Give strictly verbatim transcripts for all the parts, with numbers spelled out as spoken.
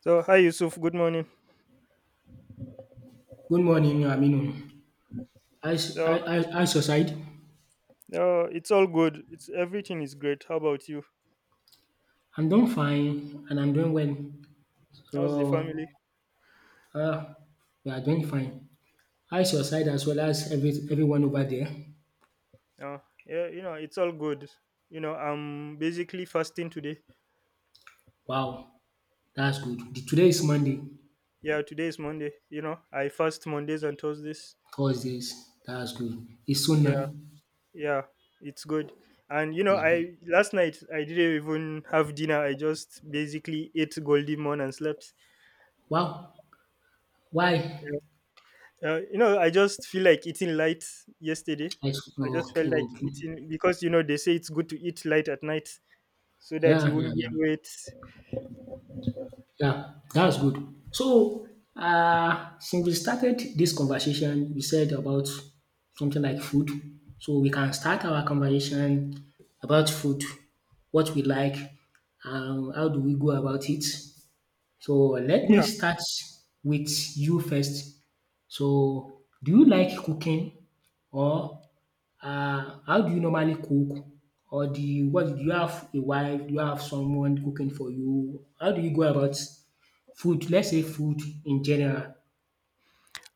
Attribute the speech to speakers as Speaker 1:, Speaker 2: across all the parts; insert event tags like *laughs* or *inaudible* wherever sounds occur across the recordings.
Speaker 1: So, hi Yusuf, good morning.
Speaker 2: Good morning, Aminu. I, s-
Speaker 1: Uh,
Speaker 2: I, I, I suicide.
Speaker 1: uh, it's all good. It's everything is great. How about you?
Speaker 2: I'm doing fine and I'm doing well.
Speaker 1: How's the family?
Speaker 2: So, uh, we are doing fine. I suicide as well as every, everyone over there.
Speaker 1: Uh, yeah, you know, it's all good. You know, I'm basically fasting today.
Speaker 2: Wow, that's good. The, today is Monday.
Speaker 1: Yeah, today is Monday. You know, I fast Mondays and Thursdays.
Speaker 2: Thursdays. That's good. It's soon now.
Speaker 1: Yeah, yeah, it's good. And you know,
Speaker 2: It's good.
Speaker 1: I last night I didn't even have dinner. I just basically ate Goldie Moon and slept.
Speaker 2: Wow, why?
Speaker 1: Yeah. Uh, you know, I just feel like eating light yesterday.
Speaker 2: I, s-
Speaker 1: I just felt
Speaker 2: okay,
Speaker 1: like
Speaker 2: okay.
Speaker 1: eating because you know they say it's good to eat light at night, so that you
Speaker 2: Yeah, yeah,
Speaker 1: won't
Speaker 2: yeah.
Speaker 1: gain weight.
Speaker 2: Yeah, that's good. So, uh, since we started this conversation, we said about something like food. So we can start our conversation about food, what we like, um, how do we go about it, so let me
Speaker 1: Yeah.
Speaker 2: start with you first. So do you like cooking or um how do you normally cook, or do you what, do you have a wife, do you have someone cooking for you? How do you go about food? Let's say food in general.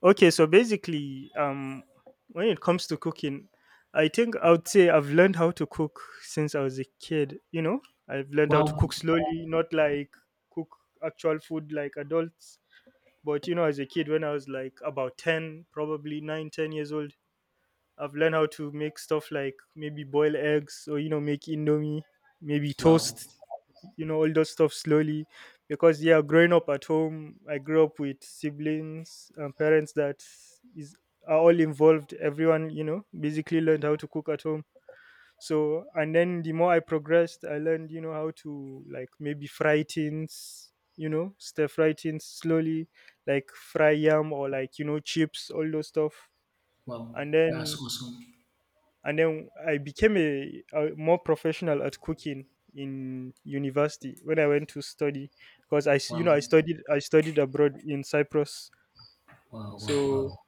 Speaker 1: Okay. So basically, um, when it comes to cooking, I think I would say I've learned how to cook since I was a kid. You know, I've learned how to cook
Speaker 2: Wow,
Speaker 1: slowly, not like cook actual food like adults. But you know, as a kid, when I was like about ten, probably nine, ten years old, I've learned how to make stuff like maybe boil eggs or, you know, make indomie, maybe
Speaker 2: wow,
Speaker 1: toast. You know, all those stuff slowly because yeah, growing up at home, I grew up with siblings and parents that is are all involved. Everyone, you know, basically learned how to cook at home. So and then the more I progressed, I learned, you know, how to like maybe fry things, you know, stir fry things slowly, like fry yam or like, you know, chips, all those stuff.
Speaker 2: wow,
Speaker 1: and
Speaker 2: that's
Speaker 1: then
Speaker 2: awesome.
Speaker 1: and then I became a, a more professional at cooking in university when I went to study, because I s- you know,
Speaker 2: Wow,
Speaker 1: I studied I studied abroad in Cyprus.
Speaker 2: wow, wow,
Speaker 1: So
Speaker 2: wow.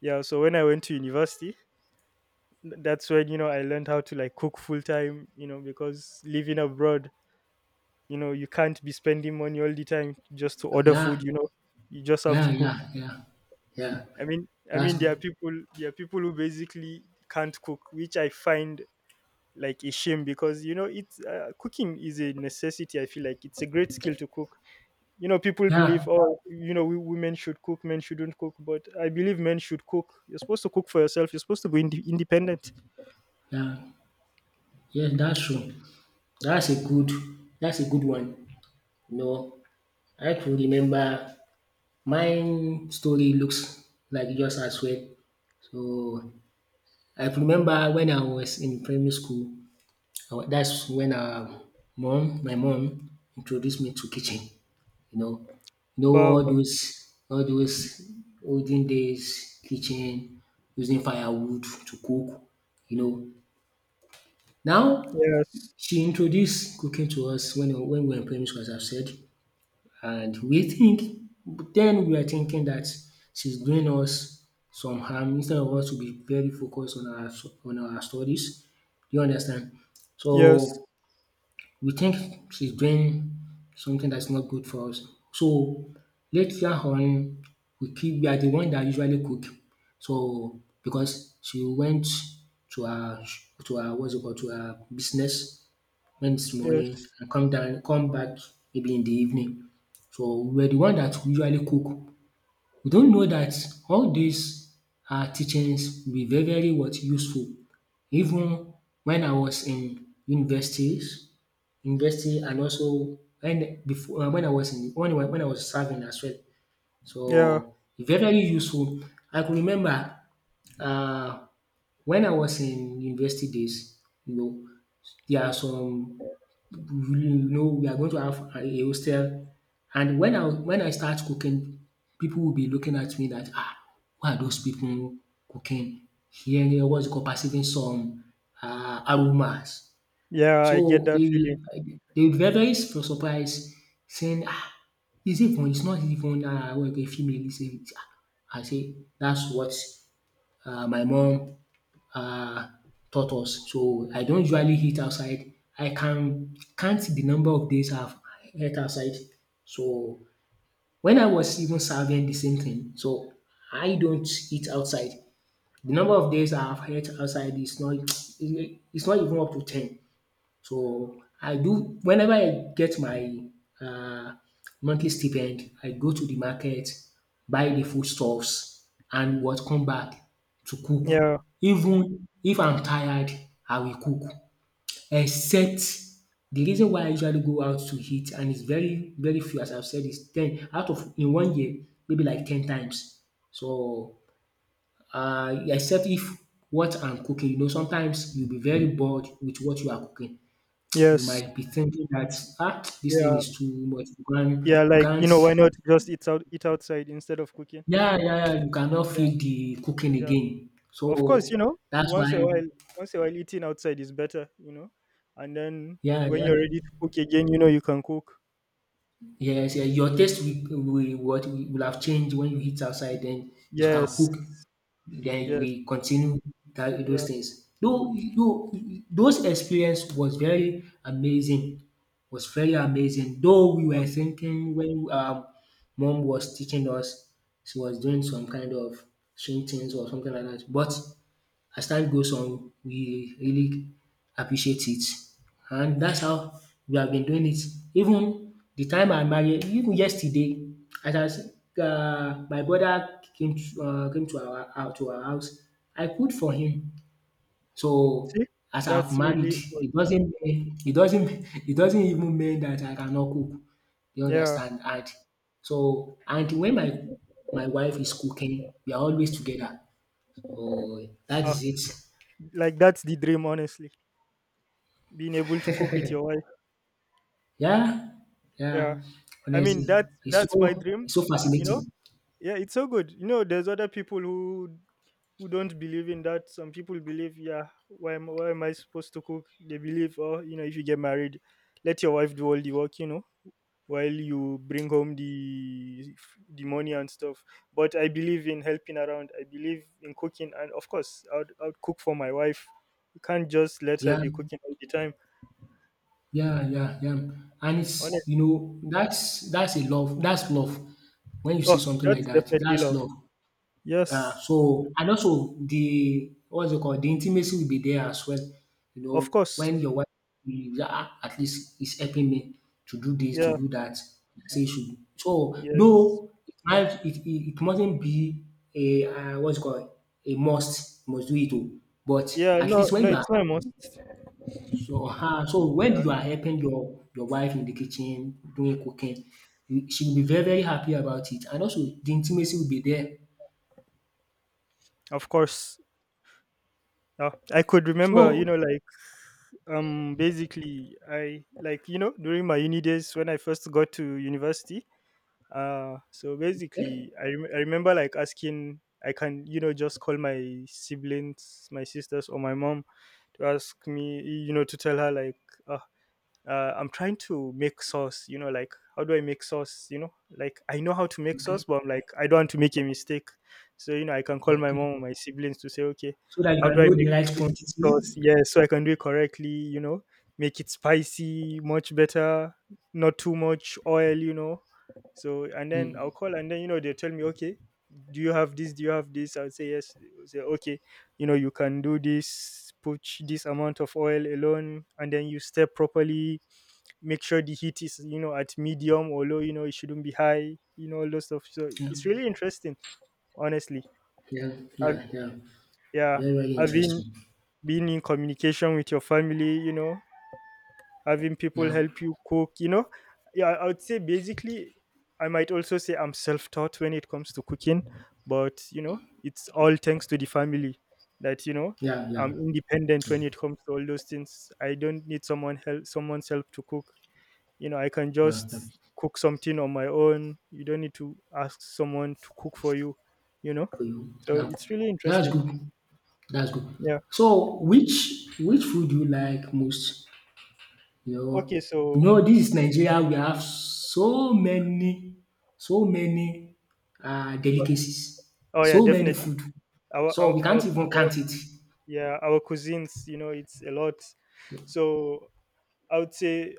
Speaker 1: yeah, so when I went to university, th- that's when, you know, I learned how to like cook full time, you know, because living abroad, you know, you can't be spending money all the time just to order food,
Speaker 2: Yeah,
Speaker 1: you know, you just have
Speaker 2: yeah,
Speaker 1: to
Speaker 2: yeah,
Speaker 1: cook.
Speaker 2: yeah, yeah.
Speaker 1: I mean I
Speaker 2: That's
Speaker 1: mean there are
Speaker 2: good.
Speaker 1: people there are people who basically can't cook, which I find like a shame because, you know, it's uh, cooking is a necessity. I feel like it's a great skill to cook. You know, people believe,
Speaker 2: Yeah,
Speaker 1: oh, you know, we, women should cook, men shouldn't cook, but I believe men should cook. You're supposed to cook for yourself. You're supposed to be inde independent.
Speaker 2: yeah, yeah, that's
Speaker 1: So,
Speaker 2: true. That's a good that's a good one. You know, I can remember my story looks like yours as well. So I can remember when I was in primary school, I wa- that's when um mom, my mom introduced me to kitchen. You know, you know
Speaker 1: wow.
Speaker 2: all those all those olden days kitchen, using firewood to cook. You know, now
Speaker 1: Yes.
Speaker 2: she introduced cooking to us when when we were in primary school, as I've said. And we think, then we are thinking that she's doing us some harm instead of us to be very focused on our on our studies. Do you understand?
Speaker 1: Yes.
Speaker 2: So we think she's doing something that's not good for us. So later on, we keep we are the one that usually cook. So because she went to her, to her, what's it called, to her business when this morning
Speaker 1: Yes.
Speaker 2: and come down, come back maybe in the evening. So we're the one that usually cook. We don't know that all these um teachings will be very very, what, useful, even when I was in universities university, and also when before uh, when I was in, when I wa- when I was serving as well. So
Speaker 1: Yeah,
Speaker 2: e very very useful. I could remember um when I was in university days, you know, there are some, you know, we are going to have a a hostel. And when I, when I start cooking, people will be looking at me that, ah, why are those people cooking? Hearing, eh, what's it called, perceiving some um aromas.
Speaker 1: yeah, I get
Speaker 2: So
Speaker 1: that
Speaker 2: they
Speaker 1: feeling.
Speaker 2: they will be very very sur surprised, saying, ah, is it even, it's not even, um, what, you female. I say ah, I say that's what um my mom um taught us. So I don't usually eat outside. I can count the number of days I've ate outside. So when I was even serving, the same thing, so I don't eat outside. The number of days I've ate outside is not *tsk* it's not even up to ten. So, I do whenever I get my um monthly stipend, I go to the market, buy the foodstuffs and what, come back to cook.
Speaker 1: Yeah.
Speaker 2: Even if I'm tired, I will cook, except the reason why I usually go out to eat, and it's very very few, as I've said, is ten out of in one year, maybe like ten times. So, um except if what I'm cooking, you know, sometimes you'll be very bored with what you are cooking. You
Speaker 1: Yes.
Speaker 2: might be thinking that, ah, this thing
Speaker 1: Yeah,
Speaker 2: is too much. You can't,
Speaker 1: yeah,
Speaker 2: you
Speaker 1: like, you
Speaker 2: can't,
Speaker 1: know, why not just eat out eat outside instead of cooking?
Speaker 2: yeah, yeah, yeah, you cannot
Speaker 1: Yeah,
Speaker 2: feel the cooking
Speaker 1: yeah.
Speaker 2: again.
Speaker 1: Of course, you
Speaker 2: So
Speaker 1: know,
Speaker 2: that's
Speaker 1: once a
Speaker 2: why,
Speaker 1: while, once a while, eating outside is better, you know. And then
Speaker 2: yeah,
Speaker 1: when
Speaker 2: yeah,
Speaker 1: you're ready to cook again, you know, you can cook.
Speaker 2: yes, yeah, your taste will, will, what, will have changed when you eat
Speaker 1: Y-
Speaker 2: outside. Then you can
Speaker 1: Yes,
Speaker 2: cook. Then
Speaker 1: yes,
Speaker 2: we continue that,
Speaker 1: yeah.
Speaker 2: those things.
Speaker 1: Mm.
Speaker 2: Though though those experience was very amazing, was very amazing. Though we
Speaker 1: Ah.
Speaker 2: were thinking when um mom was teaching us, she was doing some kind of strange things or something like that. But as time goes on, we really appreciate it, and that's how we have been doing it. Even the time I married, even yesterday as I was um my brother came, um came to our uh, to our house. I cooked for him. So
Speaker 1: See,
Speaker 2: as I've
Speaker 1: that's
Speaker 2: married,
Speaker 1: really good.
Speaker 2: it doesn't mean, it doesn't *laughs* it doesn't even mean that I cannot cook. You
Speaker 1: Yeah,
Speaker 2: understand? And so, and when my my wife is cooking, we are always together. So that
Speaker 1: ah,
Speaker 2: is it.
Speaker 1: like that's the dream, honestly. Being able to cook with your wife.
Speaker 2: Yeah,
Speaker 1: Yeah,
Speaker 2: yeah.
Speaker 1: I mean
Speaker 2: Honestly,
Speaker 1: that's
Speaker 2: it's
Speaker 1: that's my
Speaker 2: so,
Speaker 1: dream,
Speaker 2: it's so
Speaker 1: you know.
Speaker 2: fascinating.
Speaker 1: Yeah, it's so good. You know, there's other people who who don't believe in that. Some people believe, yeah, why am, why am I supposed to cook? They believe, oh, you know, if you get married, let your wife do all the work, you know, while you bring home the the money and stuff. But I believe in helping around. I believe in cooking, and of course, I'd I'd cook for my wife. You can't just let her
Speaker 2: Yeah,
Speaker 1: be cooking all the time.
Speaker 2: yeah, yeah, yeah. And it's, you
Speaker 1: Honestly,
Speaker 2: know, that's that's a love. That's love. When you see
Speaker 1: oh,
Speaker 2: something like
Speaker 1: that's
Speaker 2: that,
Speaker 1: definitely
Speaker 2: that's
Speaker 1: love.
Speaker 2: love. Yeah,
Speaker 1: Yes,
Speaker 2: so, and also the, what's it called? The intimacy will be there as well. You
Speaker 1: of
Speaker 2: know, when
Speaker 1: course.
Speaker 2: your wife is, "Ah, at least is helping me to do this, to
Speaker 1: Yeah.
Speaker 2: do that." Say you should. So
Speaker 1: Yes.
Speaker 2: though it might, it, it, it mustn't be a uh, what's it called, a must must do it all. But
Speaker 1: Yeah,
Speaker 2: at
Speaker 1: no,
Speaker 2: least
Speaker 1: no,
Speaker 2: when you
Speaker 1: it's
Speaker 2: are,
Speaker 1: almost.
Speaker 2: so, uh, so when
Speaker 1: Yeah,
Speaker 2: you are helping your your wife in the kitchen doing cooking, you- she will be very very happy about it, and also the intimacy will be there.
Speaker 1: of course. Yeah, I could remember, you
Speaker 2: So
Speaker 1: know, like um, basically, I like, you know, during my uni days when I first got to university. Uh, so basically,
Speaker 2: eh,
Speaker 1: I rem- I remember like asking, I can, you know, just call my siblings, my sisters, or my mom to ask me, you know, to tell her like, ah, uh, I'm trying to make sauce. You know, like, how do I make sauce? You know, like I know how to make sauce,
Speaker 2: okay.
Speaker 1: but I'm like, I don't want to make a mistake. So, you know, I can call my
Speaker 2: Okay.
Speaker 1: mom or my siblings to say, okay,
Speaker 2: So that you
Speaker 1: how do
Speaker 2: can
Speaker 1: I
Speaker 2: know the
Speaker 1: make
Speaker 2: right
Speaker 1: this
Speaker 2: quantity.
Speaker 1: sauce? Yeah, so I can do it correctly, you know, make it spicy, much better, not too much oil, you know. So, and then
Speaker 2: Mm,
Speaker 1: I'll call and then, you know, they tell me, okay, do you have this? Do you have this? I'll say, yes. They'll say, okay, you know, you can do this, put this amount of oil alone, and then you step properly, make sure the heat is, you know, at medium or low, you know, it shouldn't be high, you know, all those stuff. So
Speaker 2: yeah,
Speaker 1: it's really interesting, honestly.
Speaker 2: yeah,
Speaker 1: I've,
Speaker 2: yeah, yeah.
Speaker 1: yeah,
Speaker 2: Very, very
Speaker 1: having
Speaker 2: interesting.
Speaker 1: been in communication with your family, you know, having people
Speaker 2: Yeah,
Speaker 1: help you cook, you know, yeah, I would say basically I might also say I'm self-taught when it comes to cooking, but you know, it's all thanks to the family that, you know,
Speaker 2: yeah,
Speaker 1: I'm
Speaker 2: yeah,
Speaker 1: independent when
Speaker 2: yeah.
Speaker 1: it comes to all those things. I don't need someone help someone's help to cook. You know, I can
Speaker 2: Well, yeah.
Speaker 1: just cook something on my own. You don't need to ask someone to cook for you, you know.
Speaker 2: Cool.
Speaker 1: So
Speaker 2: Yeah,
Speaker 1: it's really
Speaker 2: that's
Speaker 1: interesting.
Speaker 2: good. That's good.
Speaker 1: Yeah,
Speaker 2: So, which which food do you like most? You
Speaker 1: okay,
Speaker 2: know, you
Speaker 1: so
Speaker 2: know, this is Nigeria. We have so many, so many uh,
Speaker 1: uh,
Speaker 2: delicacies,
Speaker 1: oh yeah,
Speaker 2: so many
Speaker 1: definitely.
Speaker 2: food.
Speaker 1: Our
Speaker 2: So
Speaker 1: our,
Speaker 2: we
Speaker 1: our,
Speaker 2: can't even
Speaker 1: our
Speaker 2: count it.
Speaker 1: Yeah, our cuisines, you know, it's a lot. So I would say,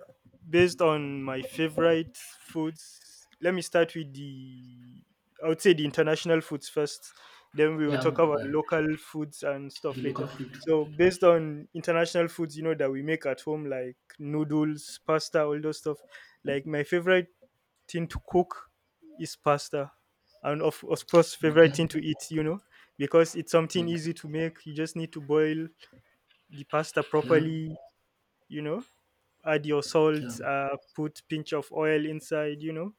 Speaker 1: based on my favorite foods, let me start with the, I would say, the international foods first. Then we will
Speaker 2: Yeah,
Speaker 1: talk about
Speaker 2: yeah.
Speaker 1: local foods and stuff
Speaker 2: The local
Speaker 1: later.
Speaker 2: food.
Speaker 1: So based on international foods, you know, that we make at home like noodles, pasta, all those stuff. Like my favorite thing to cook is pasta. And of, of course, favorite thing
Speaker 2: Okay,
Speaker 1: to eat, you know, because it's something
Speaker 2: okay.
Speaker 1: easy to make. You just need to boil the pasta
Speaker 2: Yeah,
Speaker 1: properly, you know, add your
Speaker 2: yeah.
Speaker 1: salt, uh, put pinch of oil inside, you know,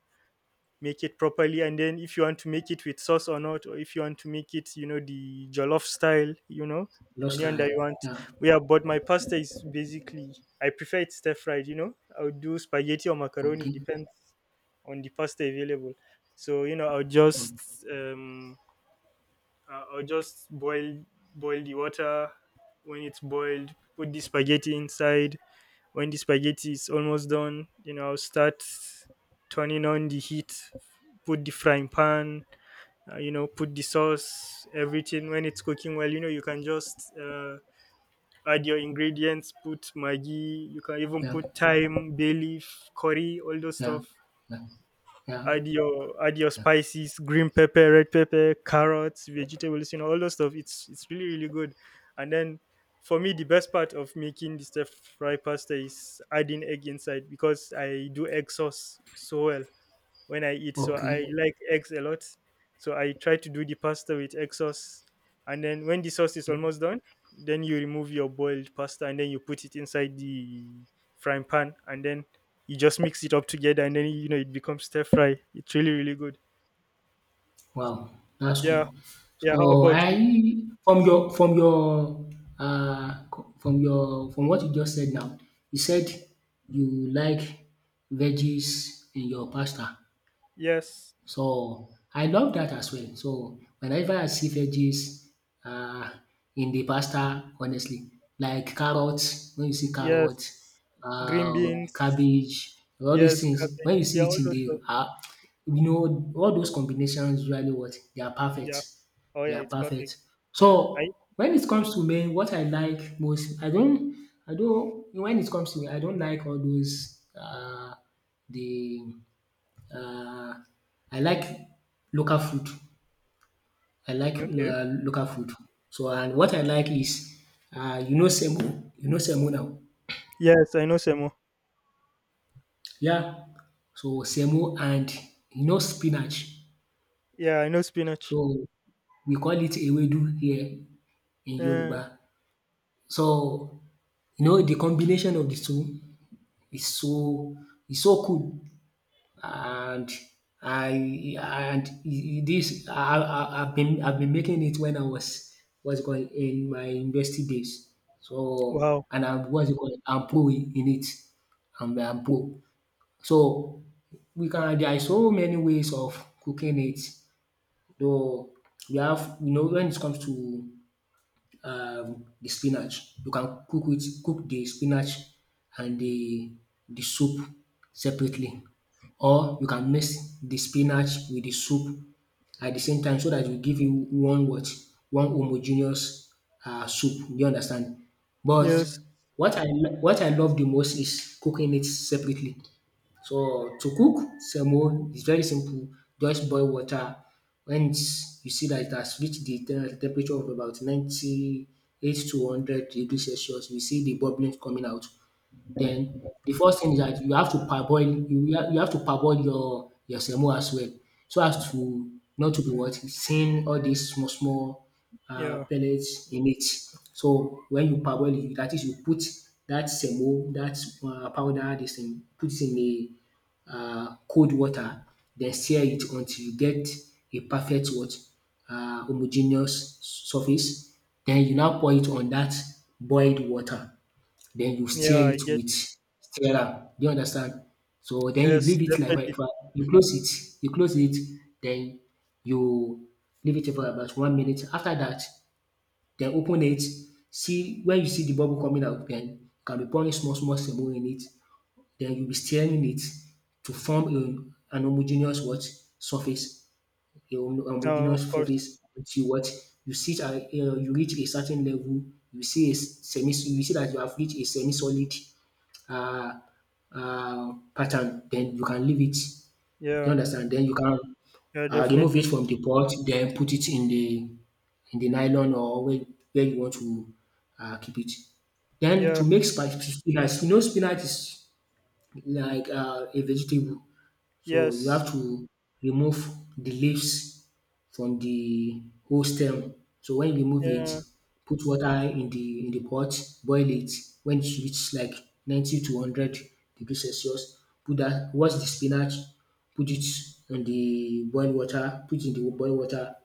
Speaker 1: make it properly. And then if you want to make it with sauce or not, or if you want to make it, you know, the jollof style, you know,
Speaker 2: Lost
Speaker 1: anyone that
Speaker 2: Eye.
Speaker 1: you want.
Speaker 2: Yeah.
Speaker 1: Yeah, but my pasta is basically, I prefer it stir fried, you know, I would do spaghetti or macaroni,
Speaker 2: Okay.
Speaker 1: depends on the pasta available. So, you know, I'll
Speaker 2: Okay.
Speaker 1: just, um, I- I'll just boil, boil the water. When it's boiled, put the spaghetti inside. When the spaghetti is almost done, you know, I'll start turning on the heat, put the frying pan, uh, you know, put the sauce, everything. When it's cooking well, you know, you can just uh, add your ingredients, put Maggi, you can even
Speaker 2: Yeah.
Speaker 1: put thyme, bay leaf, curry, all those
Speaker 2: Yeah.
Speaker 1: stuff.
Speaker 2: Yeah. Yeah.
Speaker 1: Add your add your
Speaker 2: Yeah.
Speaker 1: spices, green pepper, red pepper, carrots, vegetables, you know, all those stuff. It's it's really, really good. And then, for me, the best part of making the stir fry pasta is adding egg inside, because I do egg sauce so well when I eat. So I
Speaker 2: Okay.
Speaker 1: like eggs a lot. So I try to do the pasta with egg sauce. And then when the sauce is almost done, then you remove your boiled pasta and then you put it inside the frying pan, and then you just mix it up together, and then, you know, it becomes stir fry. It's really, really good.
Speaker 2: Wow. That's cool.
Speaker 1: Yeah. Yeah, how
Speaker 2: So
Speaker 1: about
Speaker 2: I,
Speaker 1: you?
Speaker 2: from your from your uh co- from your, from what you just said now, you said you like veggies in your pasta.
Speaker 1: Yes.
Speaker 2: So I love that as well. So whenever I see veggies uh, in the pasta, honestly, like carrots, when you see carrots,
Speaker 1: Yes. Green
Speaker 2: uh,
Speaker 1: beans.
Speaker 2: cabbage, all these
Speaker 1: Yes,
Speaker 2: things,
Speaker 1: cabbage.
Speaker 2: when you
Speaker 1: Yeah,
Speaker 2: see
Speaker 1: all
Speaker 2: it in
Speaker 1: those
Speaker 2: the,
Speaker 1: stuff.
Speaker 2: uh, you know, all those combinations usually, what, they are
Speaker 1: Yeah.
Speaker 2: perfect.
Speaker 1: Oh
Speaker 2: They
Speaker 1: yeah,
Speaker 2: are
Speaker 1: it's perfect.
Speaker 2: perfect.
Speaker 1: Yeah. I
Speaker 2: So when it comes to me, what I like most, I don't, I don't. When it comes to me, I don't like all those uh, the uh, I like local food. I like
Speaker 1: okay.
Speaker 2: uh, local food. So, and what I like is uh, you know semo, you know semo now.
Speaker 1: Yes, I know Semo.
Speaker 2: Yeah. So semo and, you know, spinach.
Speaker 1: Yeah, I know spinach.
Speaker 2: So we call it ewedu here in
Speaker 1: Uh,
Speaker 2: Yoruba. So, you know, the combination of the two is so, is so cool. And I, and this, I, I I've been, I've been making it when I was, what's it called, in my university days. So,
Speaker 1: Wow.
Speaker 2: and i, what's it called, I'm pro in in it. I'm I'm pro. So we can, there are so many ways of cooking it. Though we have, you know, when it comes to um, the spinach. You can cook it, cook the spinach and the the soup separately, or you can mix the spinach with the soup at the same time, so that will give you one, what, one homogeneous um soup. You understand? But
Speaker 1: Yes.
Speaker 2: what I lo- what I love the most is cooking it separately. So to cook semo is very simple. Just boil water. When it's, you see that it has reached the te- temperature of about ninety-eight to one hundred degrees Celsius, you see the bubbling coming out. Then the first thing is that you have to parboil, you have you have to parboil your your semo as well, so as to not to be, what, seeing all these small small
Speaker 1: Yeah.
Speaker 2: um pellets in it. So when you parboil it, that is, you put that semo, that um powder, this thing, put it in a um cold water, then stir it until you get a perfect, what, um homogeneous surface. Then you now pour it on that boiled water, then you stir
Speaker 1: Yeah. I
Speaker 2: it
Speaker 1: get
Speaker 2: with
Speaker 1: it.
Speaker 2: stirrer. Do you understand? So then you
Speaker 1: Yes.
Speaker 2: leave it like that.
Speaker 1: Definitely.
Speaker 2: For- You close it. You close it. Then you leave it for about one minute. After that, then open it. See when you see the bubble coming out. Then you can be pouring small small semo in it. Then you'll be stirring it to form a, an homogeneous, what, surface. A hom-
Speaker 1: No. Of
Speaker 2: homogeneous
Speaker 1: course.
Speaker 2: surface until, what, you see. It, Uh, you reach a certain level. You see a semi. You see that you have reached a semi solid uh, uh, pattern, then you can leave it. You
Speaker 1: Yeah.
Speaker 2: understand? Then you can
Speaker 1: Yeah.
Speaker 2: uh, remove it
Speaker 1: Definitely.
Speaker 2: from the pot, then put it in the, in the nylon or where, where you want to uh, keep it. Then
Speaker 1: Yeah.
Speaker 2: to make spi- spinach, you know, spinach is like uh, a vegetable. So you have
Speaker 1: Yes.
Speaker 2: to remove the leaves from the whole stem. So when you remove it,
Speaker 1: Yeah.
Speaker 2: put water in the, in the pot, boil it. When it reaches like ninety to one hundred degrees Celsius, put that wash the spinach, put it on the boiled water, put in the boiled water.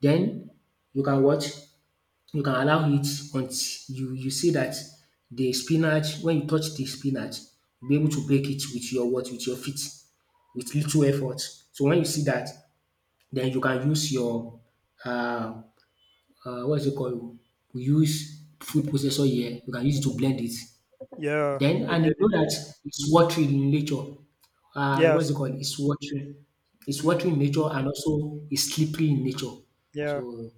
Speaker 2: Then you can what? You can allow it until you you see that the spinach, when you touch the spinach, you be able to break it with your what? With your feet with little effort. So when you see that, then you can use your uh, uh, what is it called? We use food processor here. You can use it to blend it.
Speaker 1: Yeah.
Speaker 2: Then
Speaker 1: I
Speaker 2: and
Speaker 1: get
Speaker 2: you know
Speaker 1: it.
Speaker 2: that it's watery in nature. Uh, what is it
Speaker 1: Yes.
Speaker 2: called? It's watery. It's
Speaker 1: Mm.
Speaker 2: watery in nature, and also it's slippery in nature.
Speaker 1: Yeah.
Speaker 2: So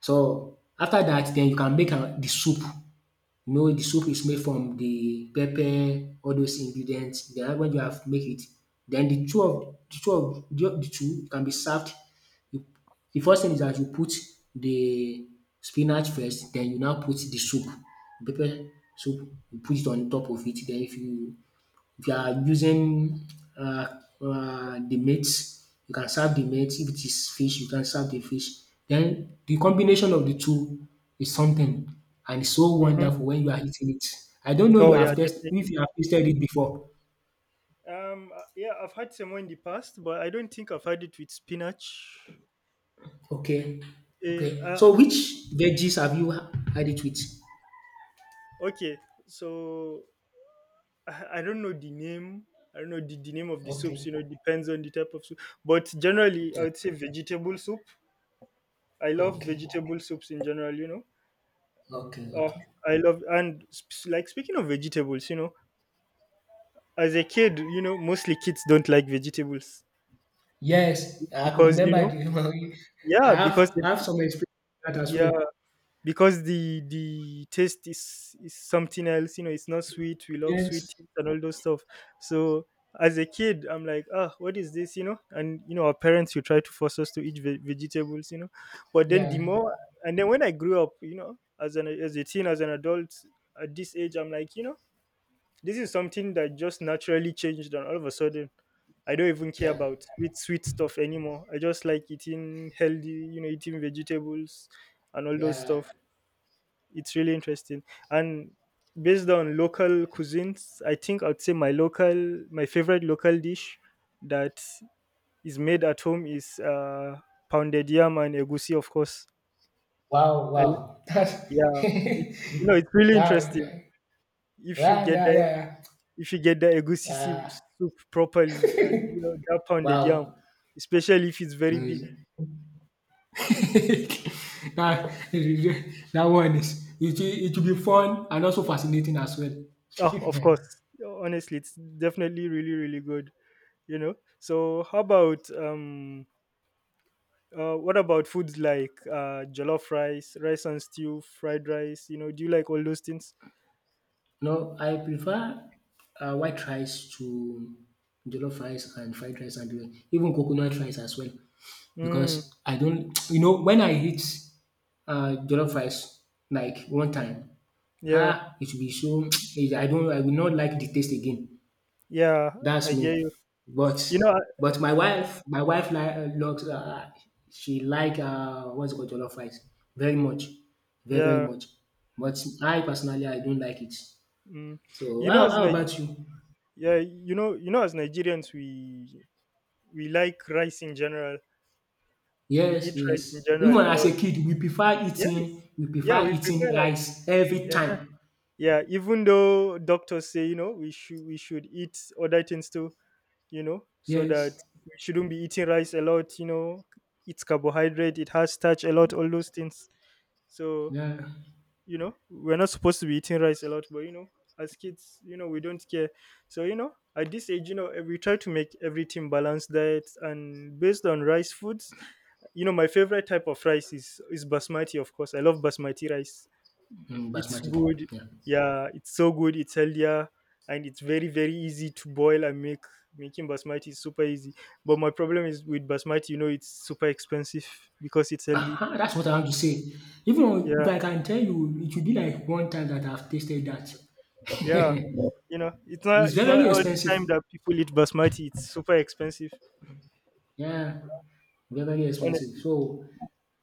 Speaker 2: so after that, then you can make uh, the soup. You know the soup is made from the pepper, all those ingredients. Then when you have make it, then the two of the two of the the two can be served. You, the first thing is that you put the spinach first, then you now put the soup, pepper soup, you put it on top of it. Then if you, if you are using um um the meat, you can serve the meat. If it is fish, you can serve the fish. Then the combination of the two is something, and it's so
Speaker 1: Mm-hmm.
Speaker 2: wonderful when you are eating it. I don't know you
Speaker 1: Oh yeah.
Speaker 2: have test
Speaker 1: Definitely.
Speaker 2: if you have tasted it before.
Speaker 1: Um. uh, Yeah. I've had semo in the past, but I don't think I've had it with spinach.
Speaker 2: Okay,
Speaker 1: Eh,
Speaker 2: okay.
Speaker 1: Uh,
Speaker 2: So which veggies have you had it with?
Speaker 1: okay. So I, I don't know the name. I don't know the, the name of the soups.
Speaker 2: Okay.
Speaker 1: You know, depends on the type of soup. But generally, I
Speaker 2: Yeah.
Speaker 1: would say vegetable soup. I love
Speaker 2: Okay.
Speaker 1: vegetable soups in general, you know.
Speaker 2: Okay,
Speaker 1: Oh,
Speaker 2: okay.
Speaker 1: I love and sp- like speaking of vegetables, you know, as a kid, you know, mostly kids don't like vegetables
Speaker 2: Yes, I could
Speaker 1: because you
Speaker 2: remember
Speaker 1: know,
Speaker 2: the *laughs* I
Speaker 1: yeah, because
Speaker 2: have
Speaker 1: it's
Speaker 2: I have some experience with that as
Speaker 1: yeah,
Speaker 2: well.
Speaker 1: because the the taste is is something else, you know. It's not sweet, we love sweet
Speaker 2: Yes.
Speaker 1: things and all those stuff. So as a kid I'm like, ah, what is this, you know? And you know our parents will try to force us to eat ve- vegetables, you know. But then the
Speaker 2: Yeah.
Speaker 1: more And then when I grew up, you know, as an as a teen, as an adult, at this age I'm like, you know, this is something that just naturally changed, and all of a sudden I don't even care
Speaker 2: Yeah.
Speaker 1: about sweet sweet stuff anymore. I just like eating healthy, you know, eating vegetables and all those
Speaker 2: Yeah.
Speaker 1: stuff. It's really interesting. And based on local cuisines, I think I'd say my local my favorite local dish that is made at home is uh pounded yam and egusi, of course.
Speaker 2: Wow,
Speaker 1: And
Speaker 2: wow. *laughs* That's
Speaker 1: yeah,
Speaker 2: *laughs*
Speaker 1: it,
Speaker 2: yeah,
Speaker 1: you know, it's really interesting.
Speaker 2: yeah,
Speaker 1: if you
Speaker 2: yeah,
Speaker 1: get
Speaker 2: yeah,
Speaker 1: the
Speaker 2: yeah.
Speaker 1: if you get the egusi
Speaker 2: Yeah.
Speaker 1: si-
Speaker 2: Uh,
Speaker 1: soup properly, and you know that pounded yam,
Speaker 2: wow.
Speaker 1: especially if it's
Speaker 2: *laughs*
Speaker 1: very big,
Speaker 2: that, that one is it, will- it will be fun and also fascinating as well.
Speaker 1: oh, of
Speaker 2: *laughs*
Speaker 1: course, honestly, it's definitely really really good, you know. So how about um Uh, what about foods like uh, jollof rice, rice and stew, fried rice? You know, do you like all those things?
Speaker 2: No, I prefer uh, white rice to jollof rice and fried rice and even coconut rice as well. Because
Speaker 1: Mm,
Speaker 2: I don't, you know, when I eat uh, jollof rice like one time,
Speaker 1: yeah,
Speaker 2: ah, it will be so *tsk* I don't, I will not like the taste again.
Speaker 1: yeah, I
Speaker 2: That's
Speaker 1: get
Speaker 2: me.
Speaker 1: you.
Speaker 2: But
Speaker 1: You know, I-
Speaker 2: but my wife my wife like loves uh, she like uh, what's it called, jollof rice very much, very very
Speaker 1: yeah,
Speaker 2: much. But I personally I don't like it.
Speaker 1: mm.
Speaker 2: So
Speaker 1: You know,
Speaker 2: how,
Speaker 1: as
Speaker 2: how
Speaker 1: Ni-
Speaker 2: about you?
Speaker 1: yeah, you know, you know, as Nigerians, we we like rice in general. We eat
Speaker 2: Yes,
Speaker 1: rice in
Speaker 2: yes.
Speaker 1: general
Speaker 2: Even
Speaker 1: a
Speaker 2: as
Speaker 1: lot.
Speaker 2: a kid, we prefer eating,
Speaker 1: Yes,
Speaker 2: we
Speaker 1: yeah,
Speaker 2: prefer
Speaker 1: we prefer
Speaker 2: eating
Speaker 1: rice.
Speaker 2: rice every
Speaker 1: Yeah,
Speaker 2: time.
Speaker 1: yeah. Even though doctors say, you know, we should we should eat other things too, you know, so that
Speaker 2: Yes.
Speaker 1: we shouldn't be eating rice a lot, you know. It's carbohydrate, it has starch a lot, all those things. So,
Speaker 2: Yeah,
Speaker 1: you know, we're not supposed to be eating rice a lot, but you know, as kids, you know, we don't care. So, you know, at this age, you know, eh, we try to make everything balanced diet and based on rice foods. You know, my favorite type of rice is is basmati, of course. I love basmati rice,
Speaker 2: mm,
Speaker 1: it's
Speaker 2: basmati.
Speaker 1: good.
Speaker 2: Yeah.
Speaker 1: Yeah, it's so good. It's healthier and it's very very easy to boil and make. Making basmati is super easy. But my problem is with basmati, you know, it's super expensive because it's healthy.
Speaker 2: Aha! That's what I want to say. Even on
Speaker 1: Yeah,
Speaker 2: if I can tell you, it will be like one time that I've tasted that.
Speaker 1: yeah.
Speaker 2: *laughs*
Speaker 1: You know, it's not
Speaker 2: It's
Speaker 1: it's
Speaker 2: very,
Speaker 1: not
Speaker 2: very
Speaker 1: all the
Speaker 2: expensive.
Speaker 1: time that people eat basmati. It's super expensive,
Speaker 2: Yeah, very, very expensive.
Speaker 1: honestly.
Speaker 2: So